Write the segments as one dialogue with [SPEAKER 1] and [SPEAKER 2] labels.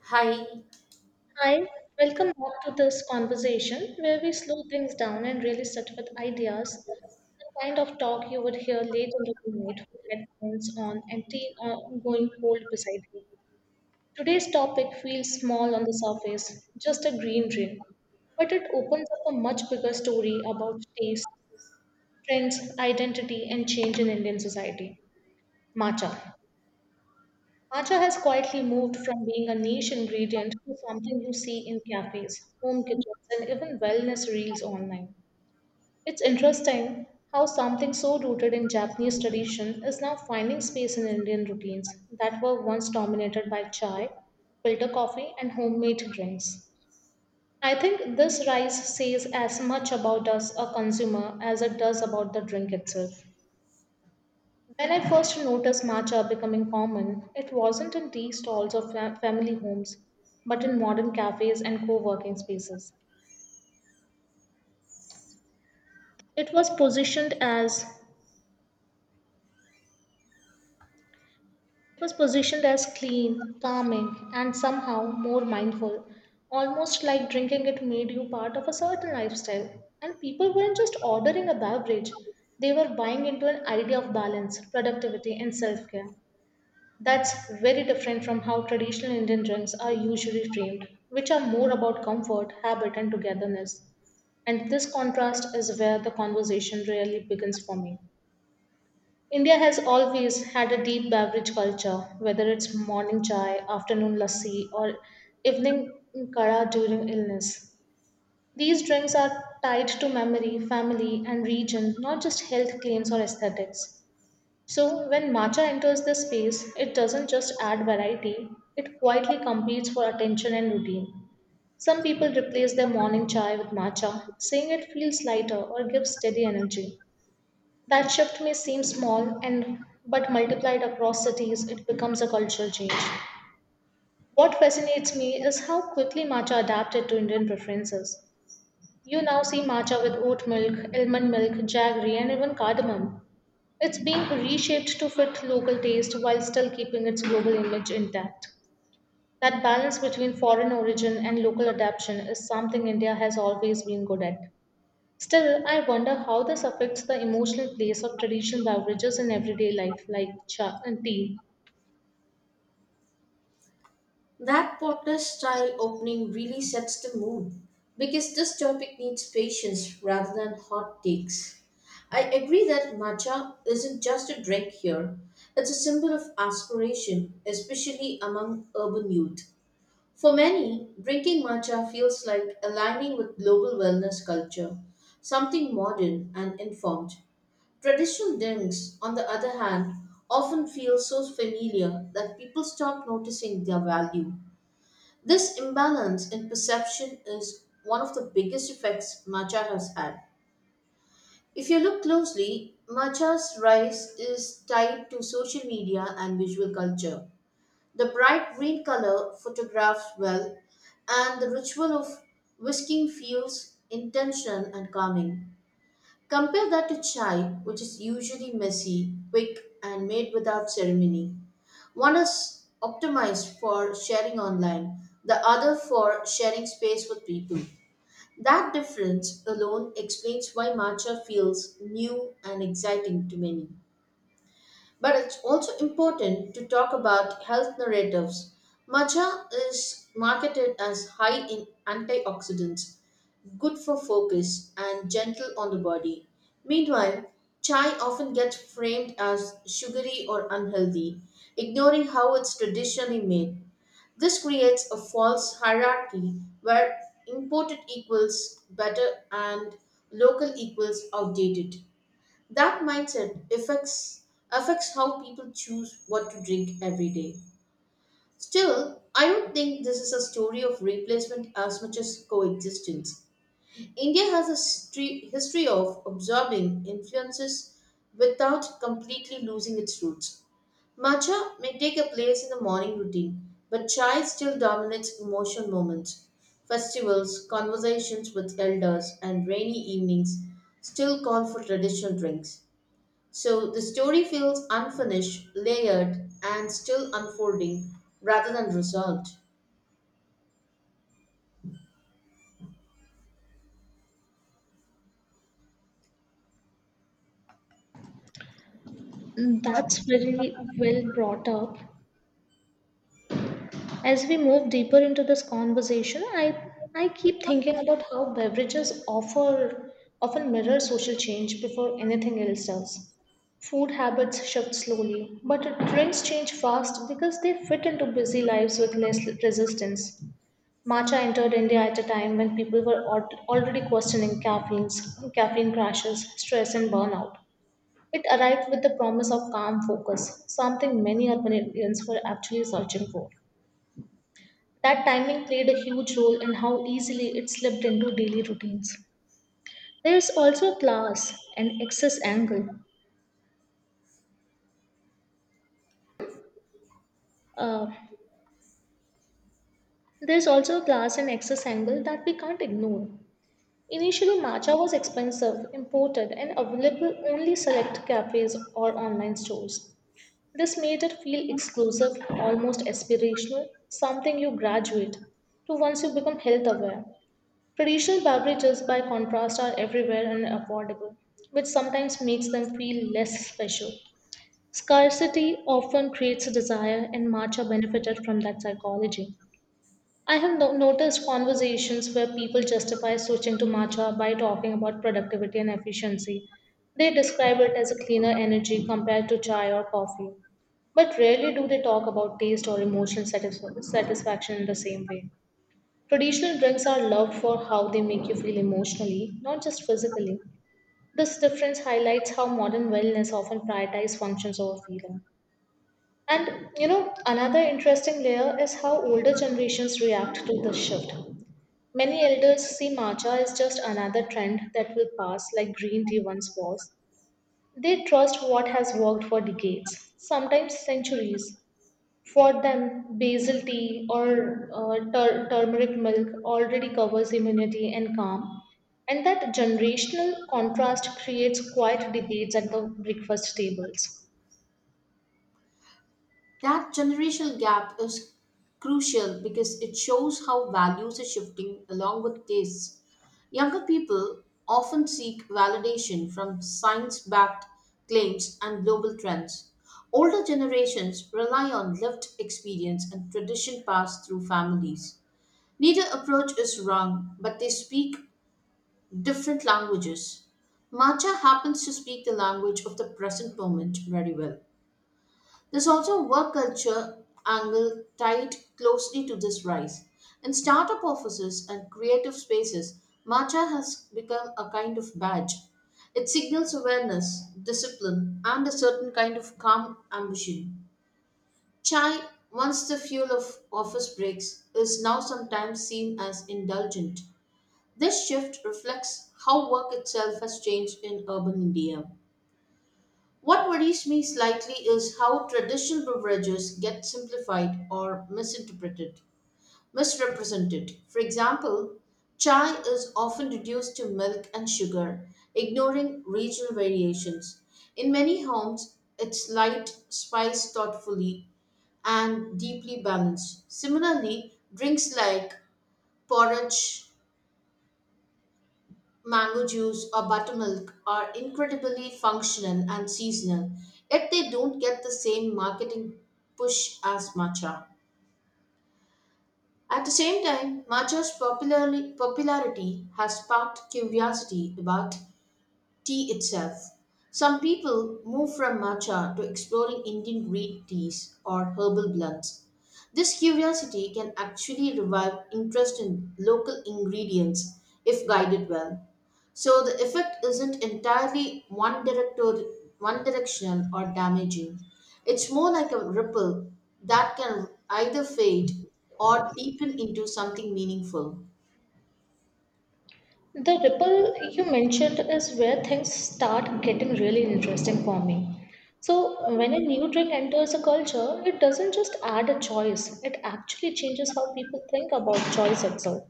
[SPEAKER 1] Hi,
[SPEAKER 2] Hi, welcome back to this conversation where we slow things down and really sit with ideas. The kind of talk you would hear late into the night with headphones on and tea going cold beside you. Today's topic feels small on the surface, just a green drink, but it opens up a much bigger story about taste, trends, identity, and change in Indian society. Matcha. Matcha has quietly moved from being a niche ingredient to something you see in cafes, home kitchens, and even wellness reels online. It's interesting how something so rooted in Japanese tradition is now finding space in Indian routines that were once dominated by chai, filter coffee, and homemade drinks. I think this rise says as much about us, a consumer, as it does about the drink itself. When I first noticed matcha becoming common, it wasn't in tea stalls or family homes, but in modern cafes and co-working spaces. It was positioned as clean, calming, and somehow more mindful, almost like drinking it made you part of a certain lifestyle. And people weren't just ordering a beverage, they were buying into an idea of balance, productivity, and self-care. That's very different from how traditional Indian drinks are usually framed, which are more about comfort, habit, and togetherness. And this contrast is where the conversation really begins for me. India has always had a deep beverage culture, whether it's morning chai, afternoon lassi, or evening kara during illness. These drinks are tied to memory, family, and region, not just health claims or aesthetics. So, when matcha enters the space, it doesn't just add variety, it quietly competes for attention and routine. Some people replace their morning chai with matcha, saying it feels lighter or gives steady energy. That shift may seem small and but multiplied across cities it becomes a cultural change. What fascinates me is how quickly matcha adapted to Indian preferences. You now see matcha with oat milk, almond milk, jaggery and even cardamom. It's being reshaped to fit local taste while still keeping its global image intact. That balance between foreign origin and local adaptation is something India has always been good at. Still, I wonder how this affects the emotional place of traditional beverages in everyday life, like cha and tea.
[SPEAKER 1] that podcast style opening really sets the mood because this topic needs patience rather than hot takes. I agree that matcha isn't just a drink here, it's a symbol of aspiration, especially among urban youth. For many, drinking matcha feels like aligning with global wellness culture, something modern and informed. Traditional drinks, on the other hand, often feel so familiar that people stop noticing their value. This imbalance in perception is one of the biggest effects matcha has had. If you look closely, matcha's rise is tied to social media and visual culture. The bright green color photographs well, and the ritual of whisking feels intentional and calming. Compare that to chai, which is usually messy, quick, and made without ceremony. One is optimized for sharing online, the other for sharing space with people. That difference alone explains why matcha feels new and exciting to many. But it's also important to talk about health narratives. Matcha is marketed as high in antioxidants, good for focus and gentle on the body. Meanwhile, chai often gets framed as sugary or unhealthy, ignoring how it's traditionally made. This creates a false hierarchy where imported equals better and local equals outdated. That mindset affects how people choose what to drink every day. Still, I don't think this is a story of replacement as much as coexistence. India has a history of absorbing influences without completely losing its roots. Matcha may take a place in the morning routine, but chai still dominates emotional moments. Festivals, conversations with elders, and rainy evenings still call for traditional drinks. So the story feels unfinished, layered, and still unfolding rather than resolved.
[SPEAKER 2] That's very well brought up. As we move deeper into this conversation, I keep thinking about how beverages offer often mirror social change before anything else does. Food habits shift slowly, but drinks change fast because they fit into busy lives with less resistance. Matcha entered India at a time when people were already questioning caffeine crashes, stress, and burnout. It arrived with the promise of calm focus, something many urban Indians were actually searching for. That timing played a huge role in how easily it slipped into daily routines. There's also a class and excess angle. Uh, there's also a class and excess angle that we can't ignore. Initially, matcha was expensive, imported, and available only select cafes or online stores. This made it feel exclusive, almost aspirational, something you graduate to once you become health aware. Traditional beverages, by contrast, are everywhere and affordable, which sometimes makes them feel less special. Scarcity often creates a desire, and matcha benefited from that psychology. I have noticed conversations where people justify switching to matcha by talking about productivity and efficiency. They describe it as a cleaner energy compared to chai or coffee, but rarely do they talk about taste or emotional satisfaction in the same way. Traditional drinks are loved for how they make you feel emotionally, not just physically. This difference highlights how modern wellness often prioritizes functions over feeling. And you know, another interesting layer is how older generations react to this shift. Many elders see matcha as just another trend that will pass, like green tea once was. They trust what has worked for decades, sometimes centuries. For them, basil tea or turmeric milk already covers immunity and calm, and that generational contrast creates quiet debates at the breakfast tables.
[SPEAKER 1] That generational gap is crucial because it shows how values are shifting along with tastes. Younger people often seek validation from science backed claims and global trends. Older generations rely on lived experience and tradition passed through families. Neither approach is wrong, but they speak different languages. Matcha happens to speak the language of the present moment very well. There's also a work culture angle tied closely to this rise. In startup offices and creative spaces, matcha has become a kind of badge. It signals awareness, discipline, and a certain kind of calm ambition. Chai, once the fuel of office breaks, is now sometimes seen as indulgent. This shift reflects how work itself has changed in urban India. What worries me slightly is how traditional beverages get simplified or misrepresented. For example, chai is often reduced to milk and sugar, ignoring regional variations. In many homes, it's light, spiced thoughtfully, and deeply balanced. Similarly, drinks like porridge, mango juice or buttermilk are incredibly functional and seasonal, yet they don't get the same marketing push as matcha. At the same time, popularity has sparked curiosity about tea itself. Some people move from matcha to exploring Indian green teas or herbal blends. This curiosity can actually revive interest in local ingredients if guided well. So the effect isn't entirely one directional or damaging. It's more like a ripple that can either fade or deepen into something meaningful.
[SPEAKER 2] The ripple you mentioned is where things start getting really interesting for me. So, when a new drink enters a culture, it doesn't just add a choice, it actually changes how people think about choice itself.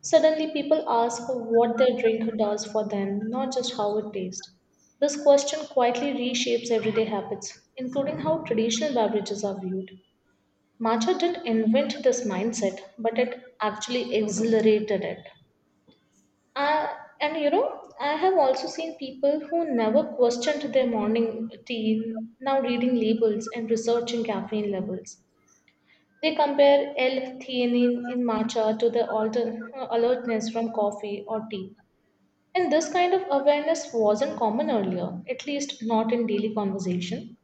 [SPEAKER 2] Suddenly, people ask what their drink does for them, not just how it tastes. This question quietly reshapes everyday habits, including how traditional beverages are viewed. Matcha didn't invent this mindset, but it actually accelerated it. Uh, and you know, I have also seen people who never questioned their morning tea now reading labels and researching caffeine levels. They compare L-theanine in matcha to the alertness from coffee or tea. And this kind of awareness wasn't common earlier, at least not in daily conversation.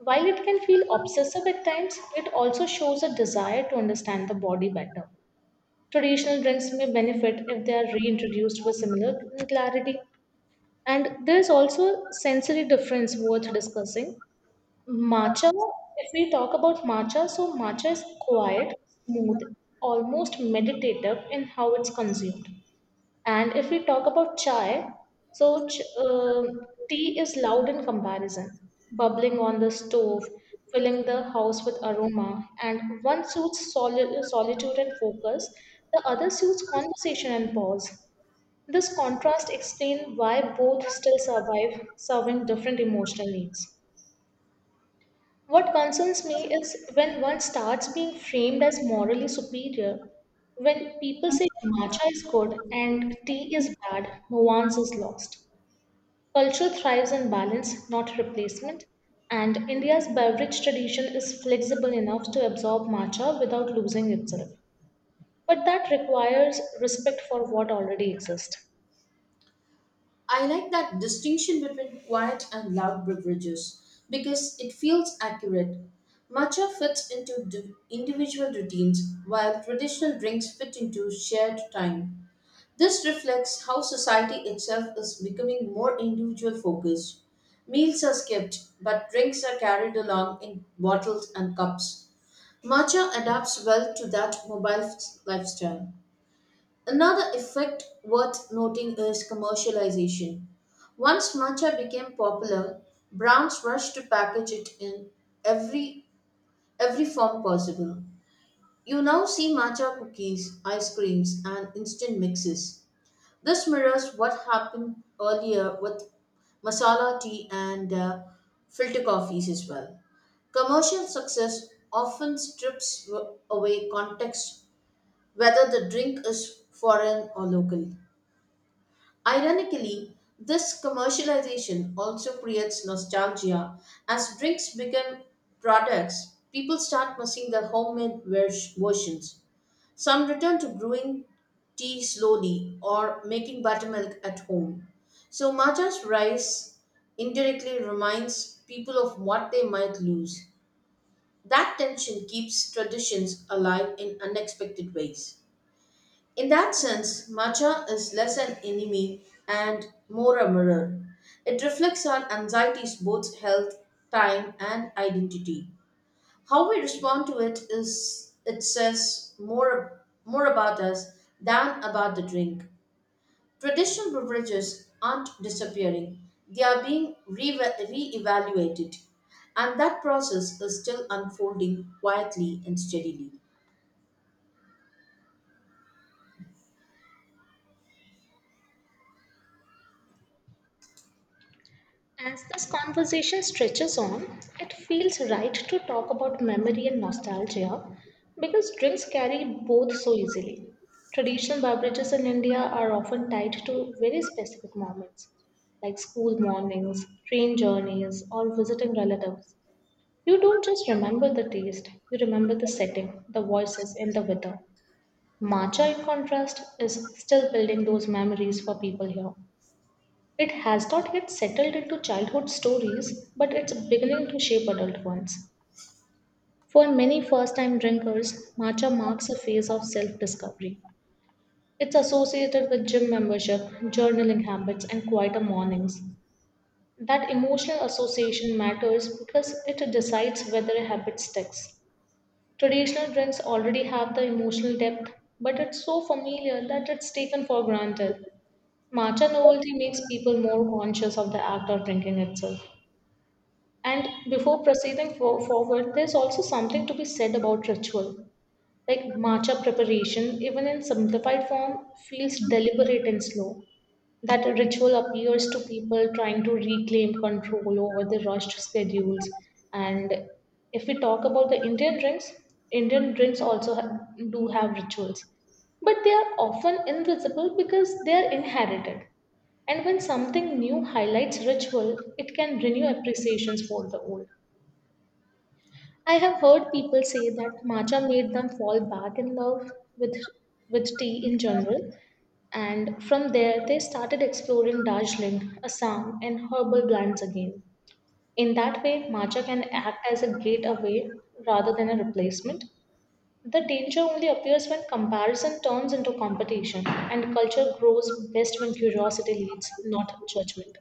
[SPEAKER 2] While it can feel obsessive at times, it also shows a desire to understand the body better. Traditional drinks may benefit if they are reintroduced with similar clarity. And there is also sensory difference worth discussing. Matcha, if we talk about matcha, so matcha is quiet, smooth, almost meditative in how it's consumed. And if we talk about chai, so tea is loud in comparison, bubbling on the stove, filling the house with aroma, and one suits solitude and focus, the other suits conversation and pause. This contrast explains why both still survive, serving different emotional needs. What concerns me is when one starts being framed as morally superior, when people say matcha is good and tea is bad, nuance is lost. Culture thrives on balance, not replacement, and India's beverage tradition is flexible enough to absorb matcha without losing itself. But that requires respect for what already exists.
[SPEAKER 1] I like that distinction between quiet and loud beverages because it feels accurate. Matcha fits into individual routines while traditional drinks fit into shared time. This reflects how society itself is becoming more individual focused. Meals are skipped, but drinks are carried along in bottles and cups. Matcha adapts well to that lifestyle. Another effect worth noting is commercialization. Once matcha became popular, brands rushed to package it in every every form possible. You now see matcha cookies, ice creams, and instant mixes. This mirrors what happened earlier with masala tea and filter coffees as well. Commercial success often strips away context, whether the drink is foreign or local. Ironically, this commercialization also creates nostalgia. As drinks become products, people start missing their versions. Some return to brewing tea slowly or making buttermilk at home. So, Maja's rise indirectly reminds people of what they might lose. That tension keeps traditions alive in unexpected ways. In that sense, matcha is less an enemy and more a mirror. It reflects on anxieties, both health, time, and identity. How we respond to it is it says more about us than about the drink. Traditional beverages aren't disappearing; they are being re-evaluated, and that process is still unfolding quietly and steadily.
[SPEAKER 2] As this conversation stretches on, it feels right to talk about memory and nostalgia because drinks carry both so easily. Traditional beverages in India are often tied to very specific moments, like school mornings, train journeys, or visiting relatives. You don't just remember the taste, you remember the setting, the voices, and the weather. Matcha, in contrast, is still building those memories for people here. It has not yet settled into childhood stories, but it's beginning to shape adult ones. For many first time drinkers, matcha marks a phase of self discovery. It's associated with gym membership, journaling habits, and quieter mornings. That emotional association matters because it decides whether a habit sticks. Traditional drinks already have the emotional depth, but it's so familiar that it's taken for granted. Matcha novelty makes people more conscious of the act of drinking itself. And before proceeding forward, there's also something to be said about ritual. Like matcha preparation, even in simplified form, feels deliberate and slow. That ritual appears to people trying to reclaim control over the rushed schedules. And if we talk about the Indian drinks also do have rituals, but they are often invisible because they are inherited. And when something new highlights ritual, it can renew appreciations for the old. I have heard people say that matcha made them fall back in love with with tea in general, and from there they started exploring Darjeeling, Assam, and herbal blends again. In that way, matcha can act as a gateway rather than a replacement. The danger only appears when comparison turns into competition, and culture grows best when curiosity leads, not judgment.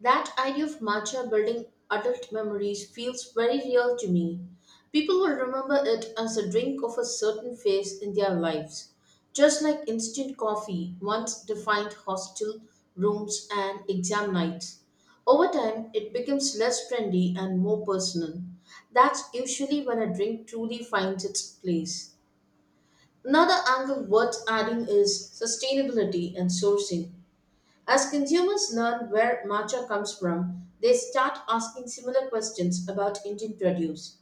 [SPEAKER 1] That idea of matcha building adult memories feels very real to me. People will remember it as a drink of a certain phase in their lives, just like instant coffee once defined hostel rooms and exam nights. Over time, it becomes less trendy and more personal. That's usually when a drink truly finds its place. Another angle worth adding is sustainability and sourcing. As consumers learn where matcha comes from, they start asking similar questions about Indian produce.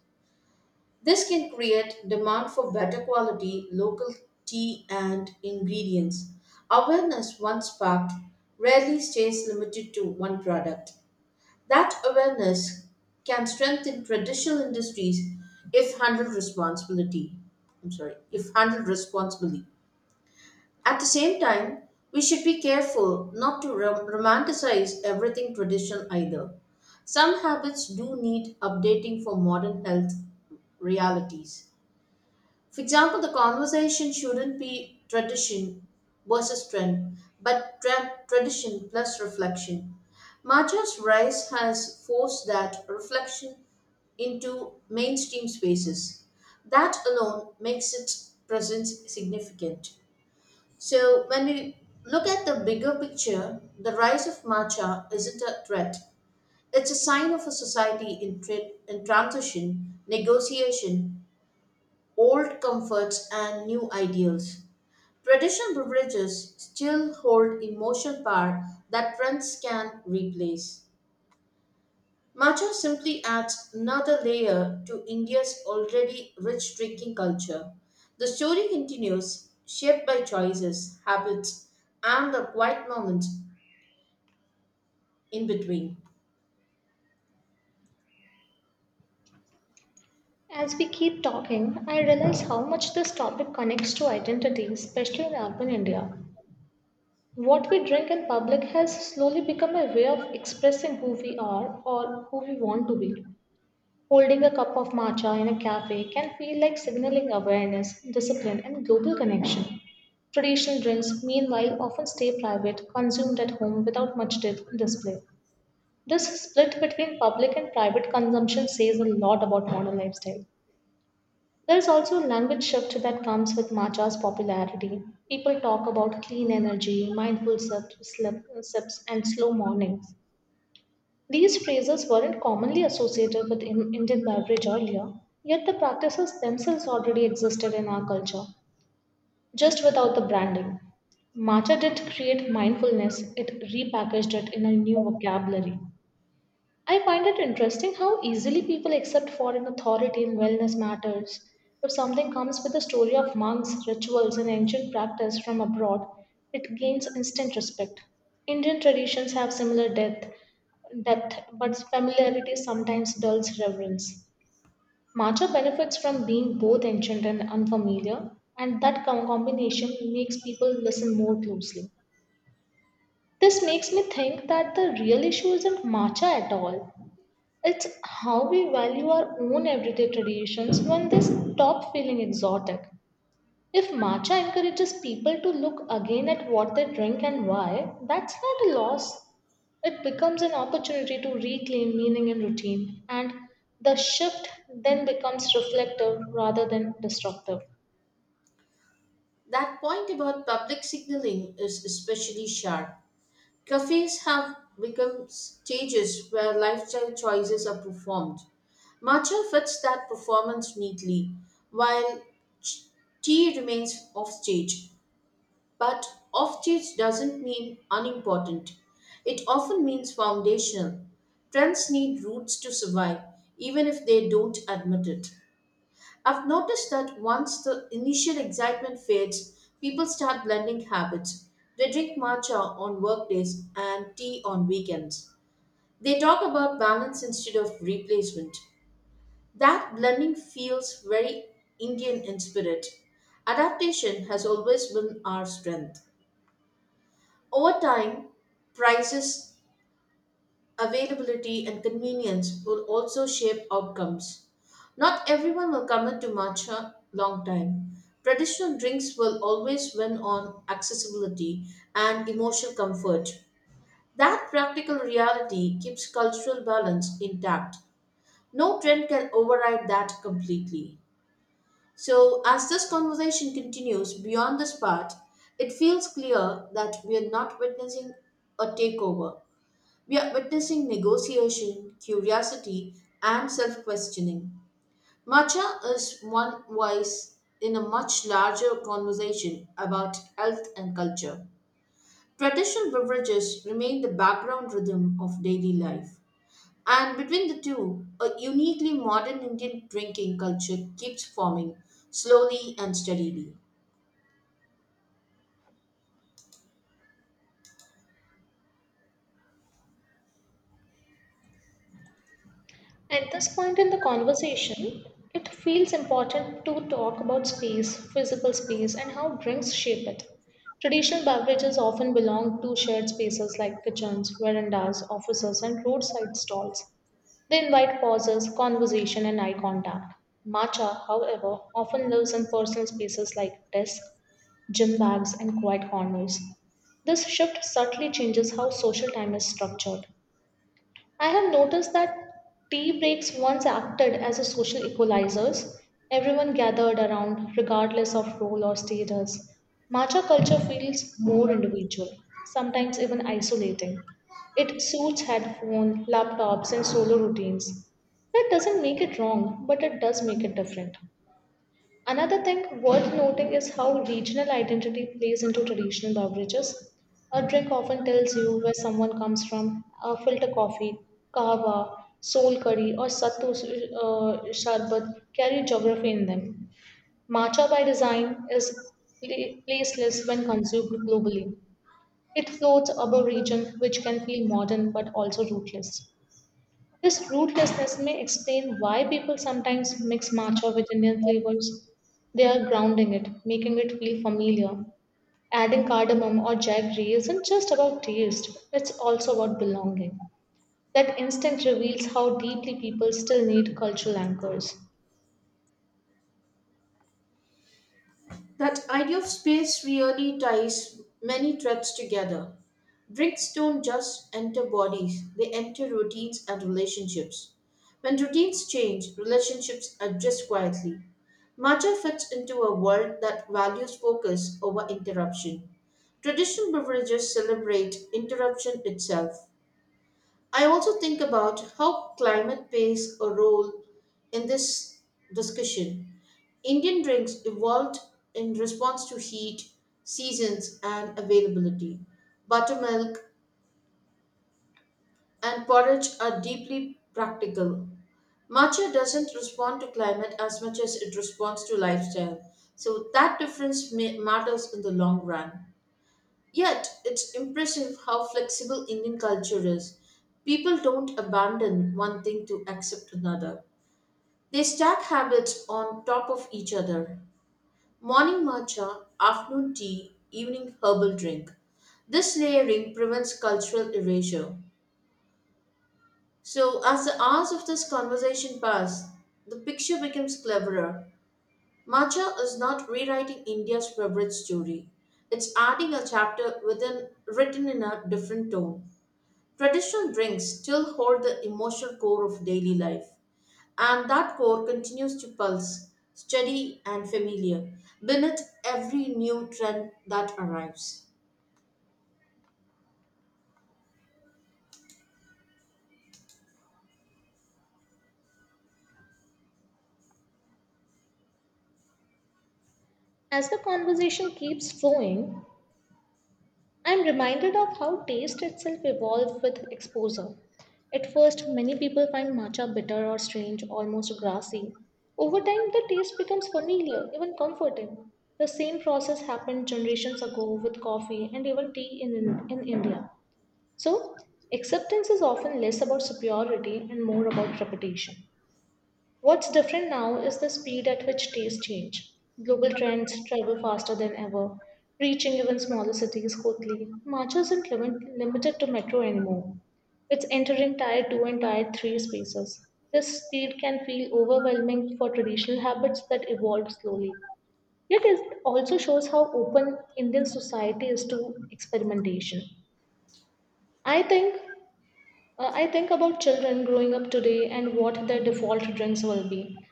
[SPEAKER 1] This can create demand for better quality local tea and ingredients. Awareness once sparked rarely stays limited to one product. That awareness can strengthen traditional industries if handled responsibility. I'm sorry, if handled responsibly. At the same time, we should be careful not to romanticize everything traditional either. Some habits do need updating for modern health realities. For example, the conversation shouldn't be tradition versus trend, but tradition plus reflection. Macha's rise has forced that reflection into mainstream spaces. That alone makes its presence significant. So, when we look at the bigger picture, the rise of matcha isn't a threat. It's a sign of a society in transition, negotiation, old comforts, and new ideals. Traditional beverages still hold emotional power that trends can replace. Matcha simply adds another layer to India's already rich drinking culture. The story continues, shaped by choices, habits, and the quiet moments in between.
[SPEAKER 2] As we keep talking, I realize how much this topic connects to identity, especially in urban India. What we drink in public has slowly become a way of expressing who we are or who we want to be. Holding a cup of matcha in a cafe can feel like signaling awareness, discipline, and global connection. Traditional drinks, meanwhile, often stay private, consumed at home without much display. This split between public and private consumption says a lot about modern lifestyle. There's also a language shift that comes with matcha's popularity. People talk about clean energy, mindful sips, and slow mornings. These phrases weren't commonly associated with Indian beverage earlier, yet the practices themselves already existed in our culture, just without the branding. Matcha didn't create mindfulness, it repackaged it in a new vocabulary. I find it interesting how easily people accept foreign authority in wellness matters. If something comes with a story of monks, rituals, and ancient practice from abroad, it gains instant respect. Indian traditions have similar depth, but familiarity sometimes dulls reverence. Matcha benefits from being both ancient and unfamiliar, and that combination makes people listen more closely. This makes me think that the real issue isn't matcha at all. It's how we value our own everyday traditions when they stop feeling exotic. If matcha encourages people to look again at what they drink and why, that's not a loss. It becomes an opportunity to reclaim meaning in routine, and the shift then becomes reflective rather than destructive.
[SPEAKER 1] That point about public signaling is especially sharp. Cafes have become stages where lifestyle choices are performed. Matcha fits that performance neatly, while ch- tea remains offstage. But off-stage doesn't mean unimportant. It often means foundational. Trends need roots to survive, even if they don't admit it. I've noticed that once the initial excitement fades, people start blending habits. They drink matcha on workdays and tea on weekends. They talk about balance instead of replacement. That blending feels very Indian in spirit. Adaptation has always been our strength. Over time, prices, availability, and convenience will also shape outcomes. Not everyone will commit to matcha long time. Traditional drinks will always win on accessibility and emotional comfort. That practical reality keeps cultural balance intact. No trend can override that completely. So, as this conversation continues beyond this part, it feels clear that we are not witnessing a takeover. We are witnessing negotiation, curiosity, and self questioning. Matcha is one voice in a much larger conversation about health and culture. Traditional beverages remain the background rhythm of daily life. And between the two, a uniquely modern Indian drinking culture keeps forming slowly and steadily.
[SPEAKER 2] At this point in the conversation, it feels important to talk about space, physical space, and how drinks shape it. Traditional beverages often belong to shared spaces like kitchens, verandas, offices, and roadside stalls. They invite pauses, conversation, and eye contact. Matcha, however, often lives in personal spaces like desks, gym bags, and quiet corners. This shift subtly changes how social time is structured. I have noticed that tea breaks once acted as a social equalizers. Everyone gathered around, regardless of role or status. Matcha culture feels more individual, sometimes even isolating. It suits headphones, laptops, and solo routines. That doesn't make it wrong, but it does make it different. Another thing worth noting is how regional identity plays into traditional beverages. A drink often tells you where someone comes from. A filter coffee, kahwa, soul curry, or sattu sharbat carry geography in them. Matcha by design is placeless when consumed globally. It floats above region, which can feel modern but also rootless. This rootlessness may explain why people sometimes mix matcha with Indian flavors. They are grounding it, making it feel familiar. Adding cardamom or jaggery isn't just about taste, it's also about belonging. That instinct reveals how deeply people still need cultural anchors.
[SPEAKER 1] That idea of space really ties many threads together. Bricks don't just enter bodies, they enter routines and relationships. When routines change, relationships adjust quietly. Matcha fits into a world that values focus over interruption. Traditional beverages celebrate interruption itself. I also think about how climate plays a role in this discussion. Indian drinks evolved in response to heat, seasons, and availability. Buttermilk and porridge are deeply practical. Matcha doesn't respond to climate as much as it responds to lifestyle, so that difference matters in the long run. Yet, it's impressive how flexible Indian culture is. People don't abandon one thing to accept another, they stack habits on top of each other. Morning matcha, afternoon tea, evening herbal drink. This layering prevents cultural erasure. So, as the hours of this conversation pass, the picture becomes clearer. Matcha is not rewriting India's favorite story, it's adding a chapter within, written in a different tone. Traditional drinks still hold the emotional core of daily life, and that core continues to pulse, steady and familiar, beneath every new trend that arrives.
[SPEAKER 2] As the conversation keeps flowing, I'm reminded of how taste itself evolved with exposure. At first, many people find matcha bitter or strange, almost grassy. Over time, the taste becomes familiar, even comforting. The same process happened generations ago with coffee and even tea in India. So, acceptance is often less about superiority and more about repetition. What's different now is the speed at which tastes change. Global trends travel faster than ever, reaching even smaller cities quickly. March isn't limited to metro anymore. It's entering tier 2 and tier 3 spaces. This speed can feel overwhelming for traditional habits that evolved slowly. Yet it also shows how open Indian society is to experimentation. I think I think about children growing up today and what their default drinks will be.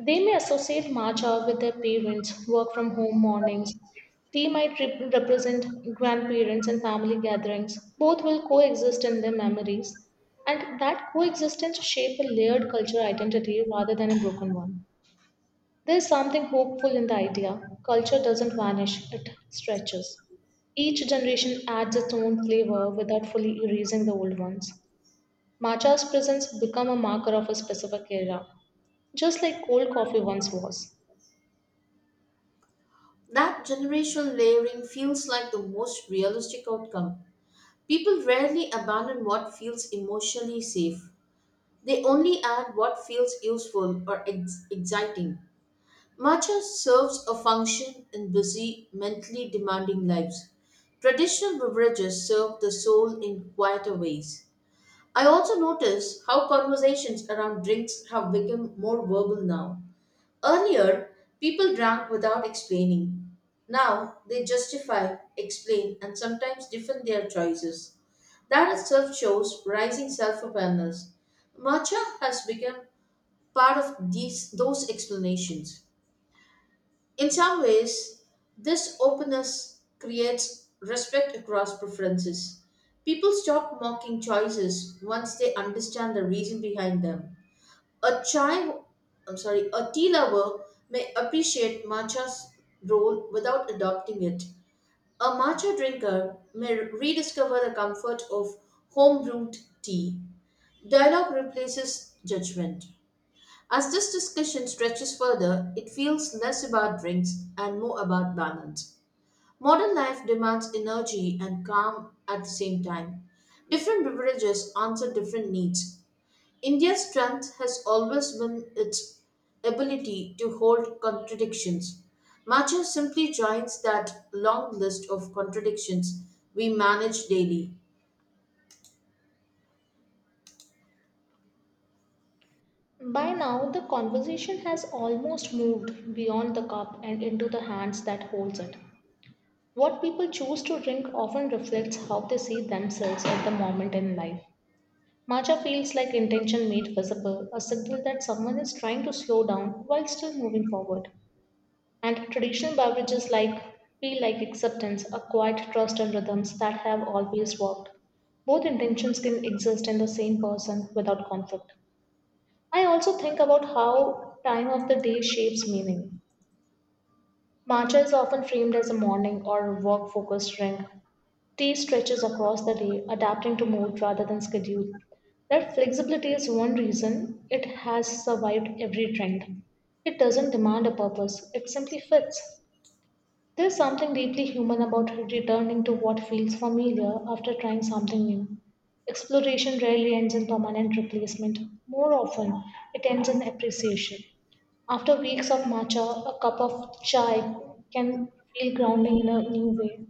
[SPEAKER 2] They may associate March with their parents, work from home mornings. Tea might represent grandparents and family gatherings. Both will coexist in their memories, and that coexistence shape a layered cultural identity rather than a broken one. There is something hopeful in the idea. Culture doesn't vanish, it stretches. Each generation adds its own flavor without fully erasing the old ones. Matcha's presence become a marker of a specific era, just like cold coffee once was.
[SPEAKER 1] That generational layering feels like the most realistic outcome. People rarely abandon what feels emotionally safe, they only add what feels useful or exciting. Matcha serves a function in busy, mentally demanding lives. Traditional beverages serve the soul in quieter ways. I also notice how conversations around drinks have become more verbal now. Earlier, people drank without explaining. Now, they justify, explain, and sometimes defend their choices. That itself shows rising self awareness. Matcha has become part of those explanations. In some ways, this openness creates respect across preferences. People stop mocking choices once they understand the reason behind them. A chai, I'm sorry, A tea lover may appreciate matcha's role without adopting it. A matcha drinker may rediscover the comfort of home brewed tea. Dialogue replaces judgment. As this discussion stretches further, it feels less about drinks and more about balance. Modern life demands energy and calm at the same time. Different beverages answer different needs. India's strength has always been its ability to hold contradictions. Matcha simply joins that long list of contradictions we manage daily.
[SPEAKER 2] By now, the conversation has almost moved beyond the cup and into the hands that holds it. What people choose to drink often reflects how they see themselves at the moment in life. Matcha feels like intention made visible, a signal that someone is trying to slow down while still moving forward. And traditional beverages like feel like acceptance, a quiet trust in rhythms that have always worked. Both intentions can exist in the same person without conflict. I also think about how time of the day shapes meaning. Matcha is often framed as a morning or work focused drink. Tea stretches across the day, adapting to mood rather than schedule. That flexibility is one reason it has survived every trend. It doesn't demand a purpose, it simply fits. There's something deeply human about returning to what feels familiar after trying something new. Exploration rarely ends in permanent replacement, more often, it ends in appreciation. After weeks of matcha, a cup of chai can feel grounding in a new way,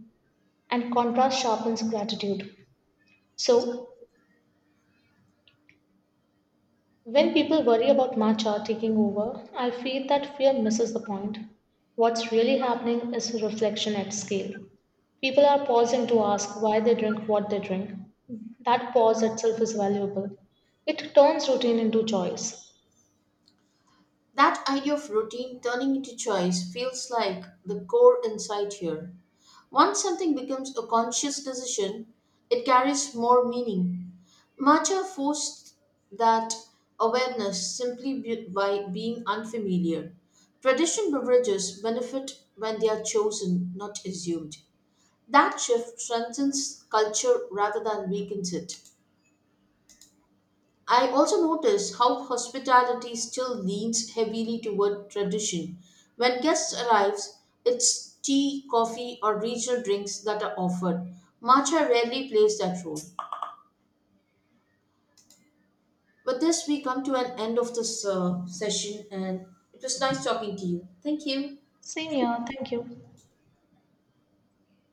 [SPEAKER 2] and contrast sharpens gratitude. So, when people worry about matcha taking over, I feel that fear misses the point. What's really happening is reflection at scale. People are pausing to ask why they drink what they drink. That pause itself is valuable. It turns routine into choice.
[SPEAKER 1] That idea of routine turning into choice feels like the core insight here. Once something becomes a conscious decision, it carries more meaning. Matcha forced that awareness simply by being unfamiliar. Traditional beverages benefit when they are chosen, not assumed. That shift strengthens culture rather than weakens it. I also notice how hospitality still leans heavily toward tradition. When guests arrive, it's tea, coffee, or regional drinks that are offered. Matcha rarely plays that role. With this, we come to an end of this session, and it was nice talking to you. Thank you.
[SPEAKER 2] Same here, thank you.